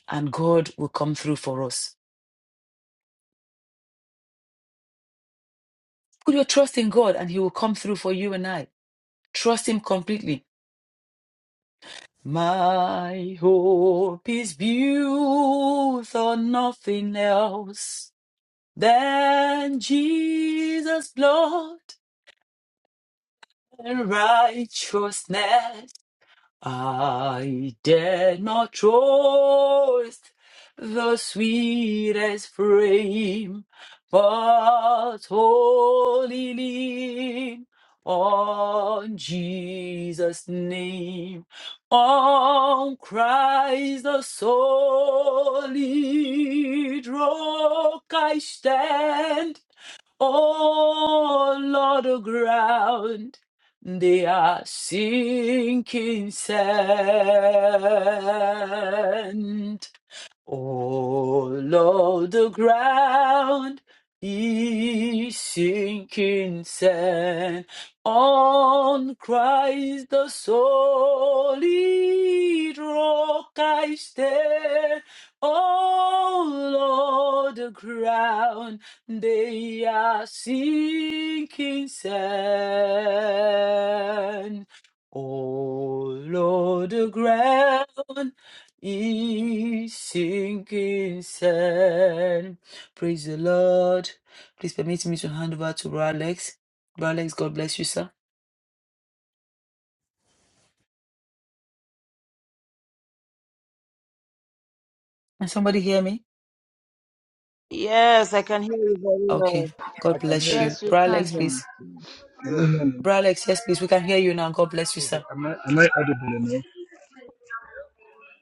[SPEAKER 1] and God will come through for us. Put your trust in God and he will come through for you and I. Trust him completely. My hope is built on nothing else than Jesus' blood In righteousness I did not trust the sweetest frame, but wholly lean on Jesus' name, on Christ the solid rock I stand. Oh Lord the ground, they are sinking sand. All of the ground is sinking sand. On Christ the solid rock I stand. All of the ground they are sinking sand. All of the ground he sinking sand. Praise the Lord. Please permit me to hand over to Brother Alex. Brother Alex, God bless you, sir. Can somebody hear me?
[SPEAKER 4] Yes, I can hear you very
[SPEAKER 1] Okay.
[SPEAKER 4] well.
[SPEAKER 10] I
[SPEAKER 1] God
[SPEAKER 10] can hear
[SPEAKER 1] bless
[SPEAKER 10] you.
[SPEAKER 1] you.
[SPEAKER 13] Yes,
[SPEAKER 10] Can,
[SPEAKER 13] we
[SPEAKER 10] can
[SPEAKER 1] Brother
[SPEAKER 10] you
[SPEAKER 13] can,
[SPEAKER 1] Alex,
[SPEAKER 10] hear
[SPEAKER 13] ma.
[SPEAKER 10] me?
[SPEAKER 1] please.
[SPEAKER 10] Can
[SPEAKER 6] Yeah.
[SPEAKER 10] you hear me?
[SPEAKER 1] Brother Alex, yes, please. We can hear you now. God bless you,
[SPEAKER 10] Okay,
[SPEAKER 1] sir.
[SPEAKER 10] am I am I audible enough?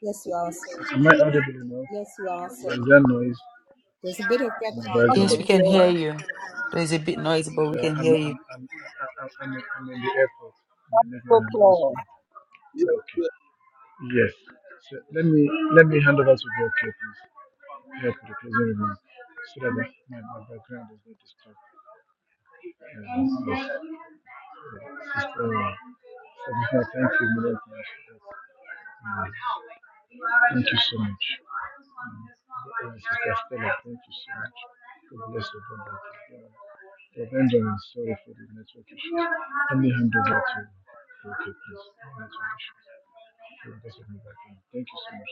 [SPEAKER 2] Yes, you are, sir.
[SPEAKER 10] Am I audible enough?
[SPEAKER 2] Yes, you are,
[SPEAKER 10] Or
[SPEAKER 2] sir.
[SPEAKER 10] is there noise
[SPEAKER 2] There's a bit of
[SPEAKER 10] in the
[SPEAKER 2] background
[SPEAKER 4] Pastor
[SPEAKER 1] Yes,
[SPEAKER 10] background?
[SPEAKER 1] we
[SPEAKER 2] noise,
[SPEAKER 1] can
[SPEAKER 2] but
[SPEAKER 1] hear
[SPEAKER 4] Claire,
[SPEAKER 1] you. There's a bit noise, but we
[SPEAKER 10] Yeah,
[SPEAKER 1] can
[SPEAKER 10] I'm
[SPEAKER 1] hear
[SPEAKER 10] I'm
[SPEAKER 1] you.
[SPEAKER 10] I'm I- I- I'm I'm in the airport. They're making
[SPEAKER 4] so
[SPEAKER 10] an
[SPEAKER 4] Claire,
[SPEAKER 10] announcement.
[SPEAKER 6] Yeah.
[SPEAKER 10] Okay.
[SPEAKER 6] Yeah.
[SPEAKER 10] Yes. So let me let me hand over to the okay, please. Help with the closing remarks so that my, my, my background is not disturbed. And Yeah, it's just, it's just, uh, so thank you, Lord, God, Uh, thank you so much. Uh, uh, Sister Stella, thank you so much. God bless you, God bless you. God. sorry for the network issue. Let me hand over to you. Okay, please. No network issue. God bless you, God Thank you so much,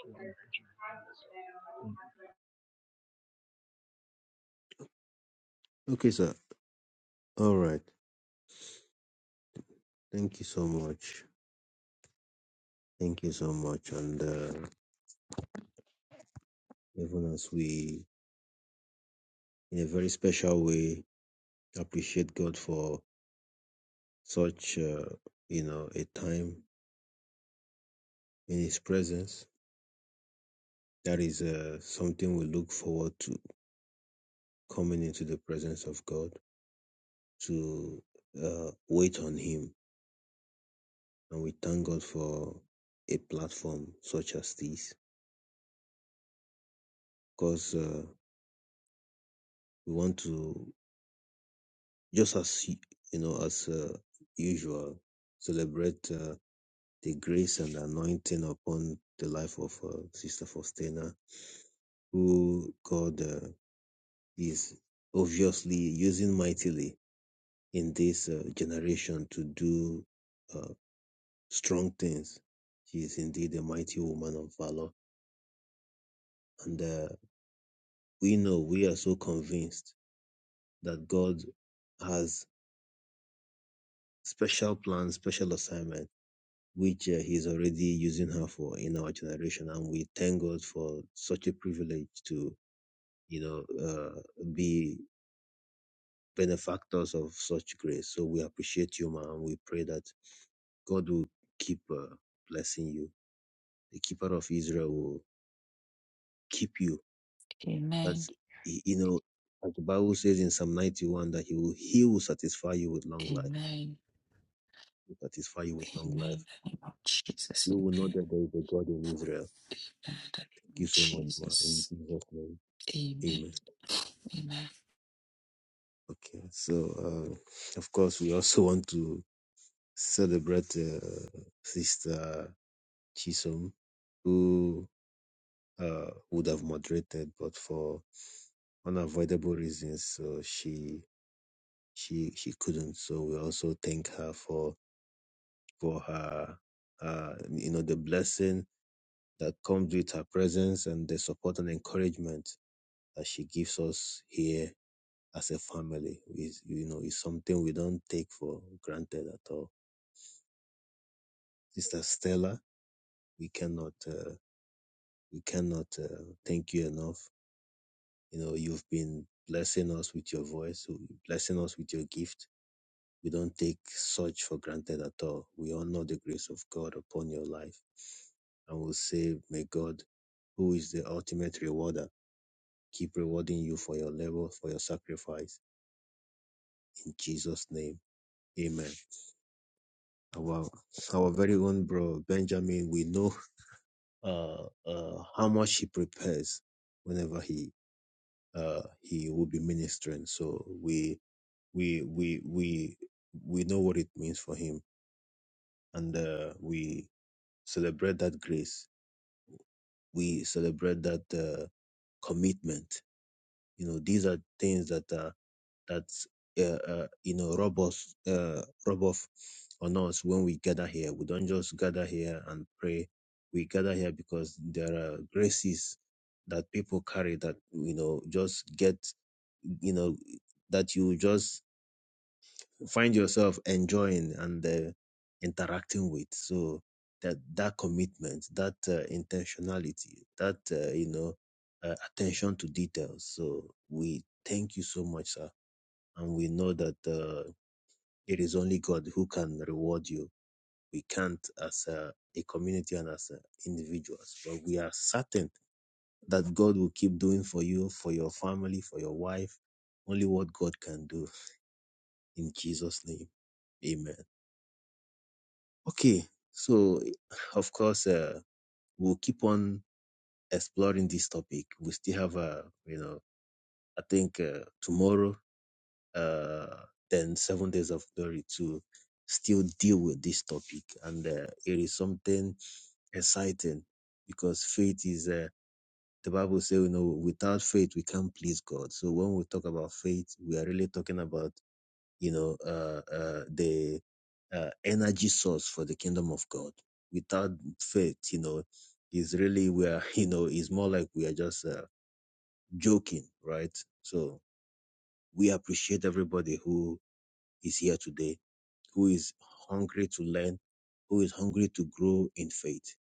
[SPEAKER 3] Okay, sir. All right. Thank you so much. Thank you so much. And uh, even as we, in a very special way, appreciate God for such, uh, you know, a time in His presence, that is uh, something we look forward to coming into the presence of God to uh, wait on Him and we thank God for a platform such as this because uh, we want to just as y- you know as uh, usual celebrate uh, the grace and anointing upon the life of uh, Sister Faustina, who God uh, is obviously using mightily in this uh, generation to do uh, strong things. She is indeed a mighty woman of valor, and uh, we know we are so convinced that God has special plans, special assignment, which uh, He's already using her for in our generation. And we thank God for such a privilege to, you know, uh, be benefactors of such grace. So we appreciate you, ma, and we pray that God will keep uh, blessing you. The keeper of Israel will keep you.
[SPEAKER 1] Amen.
[SPEAKER 3] That's y- you know, like the Bible says in Psalm 91 that he will he will satisfy you with long life.
[SPEAKER 1] Amen.
[SPEAKER 3] He will satisfy you with long life
[SPEAKER 1] Amen. In the name of Jesus.
[SPEAKER 3] You will know
[SPEAKER 1] Amen.
[SPEAKER 3] that there is a God in Israel.
[SPEAKER 1] In the
[SPEAKER 3] Thank
[SPEAKER 1] name
[SPEAKER 3] you
[SPEAKER 1] of
[SPEAKER 3] so much, ma. In
[SPEAKER 1] Jesus.
[SPEAKER 3] Jesus' name, Amen.
[SPEAKER 1] Amen. Amen.
[SPEAKER 3] Okay, so uh, of course we also [laughs] want to celebrate uh, Sister Chisom, who uh, would have moderated, but for unavoidable reasons, so she she she couldn't. So we also thank her for for her uh, you know the blessing that comes with her presence and the support and encouragement that she gives us here as a family. Is you know, is something we don't take for granted at all. Sister Stella, we cannot uh, we cannot uh, thank you enough. You know, you've been blessing us with your voice, so blessing us with your gift. We don't take such for granted at all. We honor the grace of God upon your life, and we'll say, may God, who is the ultimate rewarder, keep rewarding you for your labor, for your sacrifice. In Jesus' name, Amen. Our our very own bro Benjamin, we know uh, uh, how much he prepares whenever he uh, he will be ministering. So we we we we we know what it means for him, and uh, we celebrate that grace. We celebrate that uh, commitment. You know, these are things that uh, that's uh, uh, you know rub us uh, rub off on us when we gather here. We don't just gather here and pray. We gather here because there are graces that people carry that you know just get you know that you just find yourself enjoying and uh, interacting with. So that that commitment, that uh, intentionality, that uh, you know uh, attention to details. So we thank you so much, sir and we know that uh, it is only God who can reward you. We can't as a, a community and as a individuals, but we are certain that God will keep doing for you, for your family, for your wife, only what God can do. In Jesus' name, Amen. Okay, so of course uh, we'll keep on exploring this topic. We still have a, you know, I think uh, tomorrow uh, then Seven Days of Glory to still deal with this topic. And uh, it is something exciting because faith is, uh, the Bible says, you know, without faith, we can't please God. So when we talk about faith, we are really talking about, you know, uh, uh, the uh, energy source for the kingdom of God. Without faith, you know, is really we are, [laughs] you know, it's more like we are just uh, joking, right? So we appreciate everybody who is here today who is hungry to learn, who is hungry to grow in faith.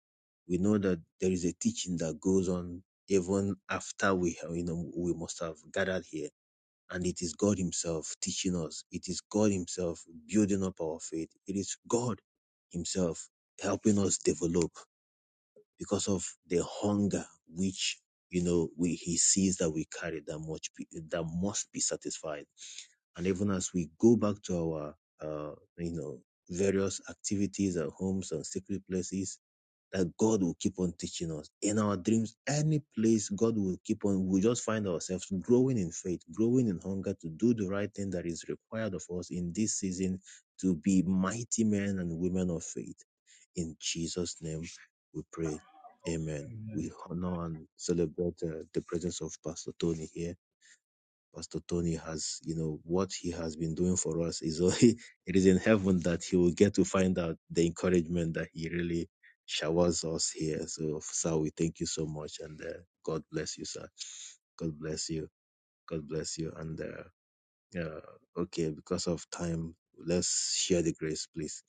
[SPEAKER 3] We know that there is a teaching that goes on even after we have, you know, we must have gathered here. And it is God Himself teaching us. It is God Himself building up our faith. It is God Himself helping us develop because of the hunger which you know we He sees that we carry that much be- that must be satisfied and even as we go back to our uh, you know various activities at homes and secret places that god will keep on teaching us in our dreams any place god will keep on we just find ourselves growing in faith growing in hunger to do the right thing that is required of us in this season to be mighty men and women of faith in jesus name we pray amen we honor and celebrate uh, the presence of pastor tony here Pastor Tony has, you know, what he has been doing for us is only, [laughs] it is in heaven that he will get to find out the encouragement that he really showers us here. So, sir, we thank you so much and uh, God bless you, sir. God bless you. God bless you. And, uh, uh, okay, because of time, let's share the grace, please.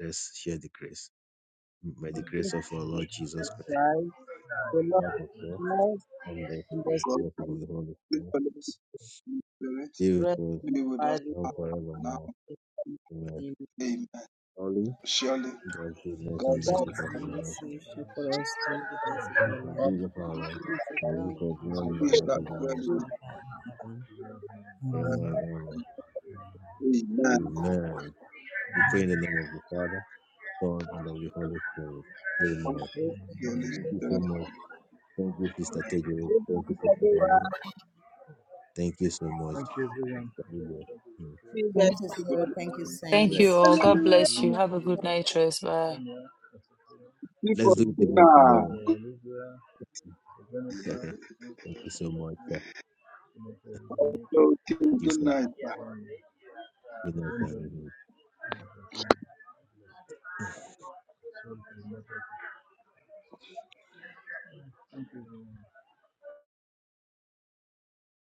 [SPEAKER 3] Let's share the grace. By the grace of our Lord Jesus Christ,
[SPEAKER 4] Christ, the Lord
[SPEAKER 3] love of God,
[SPEAKER 4] knows
[SPEAKER 3] and the
[SPEAKER 4] and the
[SPEAKER 6] God,
[SPEAKER 4] Spirit
[SPEAKER 3] fellowship of the Holy
[SPEAKER 6] we
[SPEAKER 3] Spirit,
[SPEAKER 6] fellowship
[SPEAKER 4] is
[SPEAKER 6] in the Holy
[SPEAKER 3] be
[SPEAKER 6] Spirit,
[SPEAKER 3] with
[SPEAKER 4] rest
[SPEAKER 3] us
[SPEAKER 4] in the
[SPEAKER 6] be with us
[SPEAKER 4] body of
[SPEAKER 3] now
[SPEAKER 4] Christ
[SPEAKER 6] now.
[SPEAKER 3] forevermore. Amen.
[SPEAKER 4] in
[SPEAKER 6] Amen.
[SPEAKER 3] Only
[SPEAKER 6] Surely,
[SPEAKER 3] God's goodness and
[SPEAKER 6] God's
[SPEAKER 4] God
[SPEAKER 6] good.
[SPEAKER 3] mercy
[SPEAKER 2] goodness
[SPEAKER 3] shall
[SPEAKER 2] and
[SPEAKER 6] and
[SPEAKER 3] follow us
[SPEAKER 2] mercy shall follow us through the days of our
[SPEAKER 3] all the
[SPEAKER 6] all
[SPEAKER 2] life.
[SPEAKER 3] days of our
[SPEAKER 4] in
[SPEAKER 3] life,
[SPEAKER 4] the
[SPEAKER 2] We shall
[SPEAKER 3] and
[SPEAKER 2] dwell in
[SPEAKER 3] we
[SPEAKER 2] the
[SPEAKER 3] shall dwell
[SPEAKER 6] our
[SPEAKER 3] in the
[SPEAKER 2] house of the
[SPEAKER 6] we
[SPEAKER 3] house
[SPEAKER 6] shall
[SPEAKER 2] living
[SPEAKER 3] of the
[SPEAKER 2] God
[SPEAKER 6] dwell
[SPEAKER 3] Lord
[SPEAKER 6] in
[SPEAKER 4] truth in
[SPEAKER 6] the
[SPEAKER 4] the
[SPEAKER 2] forever and ever.
[SPEAKER 10] Amen.
[SPEAKER 6] earth.
[SPEAKER 2] Amen.
[SPEAKER 3] forever and ever.
[SPEAKER 6] Amen.
[SPEAKER 4] Amen.
[SPEAKER 3] Amen. We pray in the name of the Father, Son, and of
[SPEAKER 10] Amen.
[SPEAKER 3] the Holy Spirit.
[SPEAKER 6] Thank
[SPEAKER 3] Amen.
[SPEAKER 6] you, Holy
[SPEAKER 3] Thank you so
[SPEAKER 6] Spirit.
[SPEAKER 3] much. Thank you, Sister Tejere.
[SPEAKER 4] Good
[SPEAKER 3] Thank you,
[SPEAKER 4] night,
[SPEAKER 3] Sister Helen.
[SPEAKER 4] everyone.
[SPEAKER 3] Thank you so much,
[SPEAKER 10] Thank you, everyone,
[SPEAKER 3] Sister
[SPEAKER 10] for joining.
[SPEAKER 3] Lulu.
[SPEAKER 10] Thank you,
[SPEAKER 3] Mm.
[SPEAKER 4] See
[SPEAKER 10] Lucas.
[SPEAKER 4] you
[SPEAKER 2] Thank
[SPEAKER 10] Thank
[SPEAKER 4] guys
[SPEAKER 2] you,
[SPEAKER 10] you for
[SPEAKER 6] Good
[SPEAKER 2] sir. Thank you,
[SPEAKER 10] Rosemary,
[SPEAKER 1] Thank
[SPEAKER 3] Yeah,
[SPEAKER 1] you
[SPEAKER 2] saints.
[SPEAKER 1] all. God
[SPEAKER 10] Dr.
[SPEAKER 14] Hallelujah.
[SPEAKER 1] bless
[SPEAKER 10] Judy,
[SPEAKER 1] you.
[SPEAKER 10] for
[SPEAKER 1] Have a good
[SPEAKER 10] Lillian,
[SPEAKER 1] night, Trace.
[SPEAKER 10] Mr.
[SPEAKER 1] Bye.
[SPEAKER 10] Sonia, Mr. Phil,
[SPEAKER 6] people.
[SPEAKER 3] let's do it
[SPEAKER 6] Good
[SPEAKER 4] tomorrow.
[SPEAKER 3] again
[SPEAKER 6] night.
[SPEAKER 10] Mr.
[SPEAKER 3] tomorrow.
[SPEAKER 10] Olivia, Mr. Jennifer, Mr.
[SPEAKER 3] Thank you so much,
[SPEAKER 10] Leslie,
[SPEAKER 3] sir.
[SPEAKER 10] and Mr.
[SPEAKER 3] Thank
[SPEAKER 10] Luminetti.
[SPEAKER 6] Also,
[SPEAKER 3] you,
[SPEAKER 6] Good
[SPEAKER 3] sir.
[SPEAKER 10] Thank
[SPEAKER 6] night.
[SPEAKER 10] you for joining.
[SPEAKER 3] Good night, sir.
[SPEAKER 10] for joining. Sorry for the network. Thank you, everyone.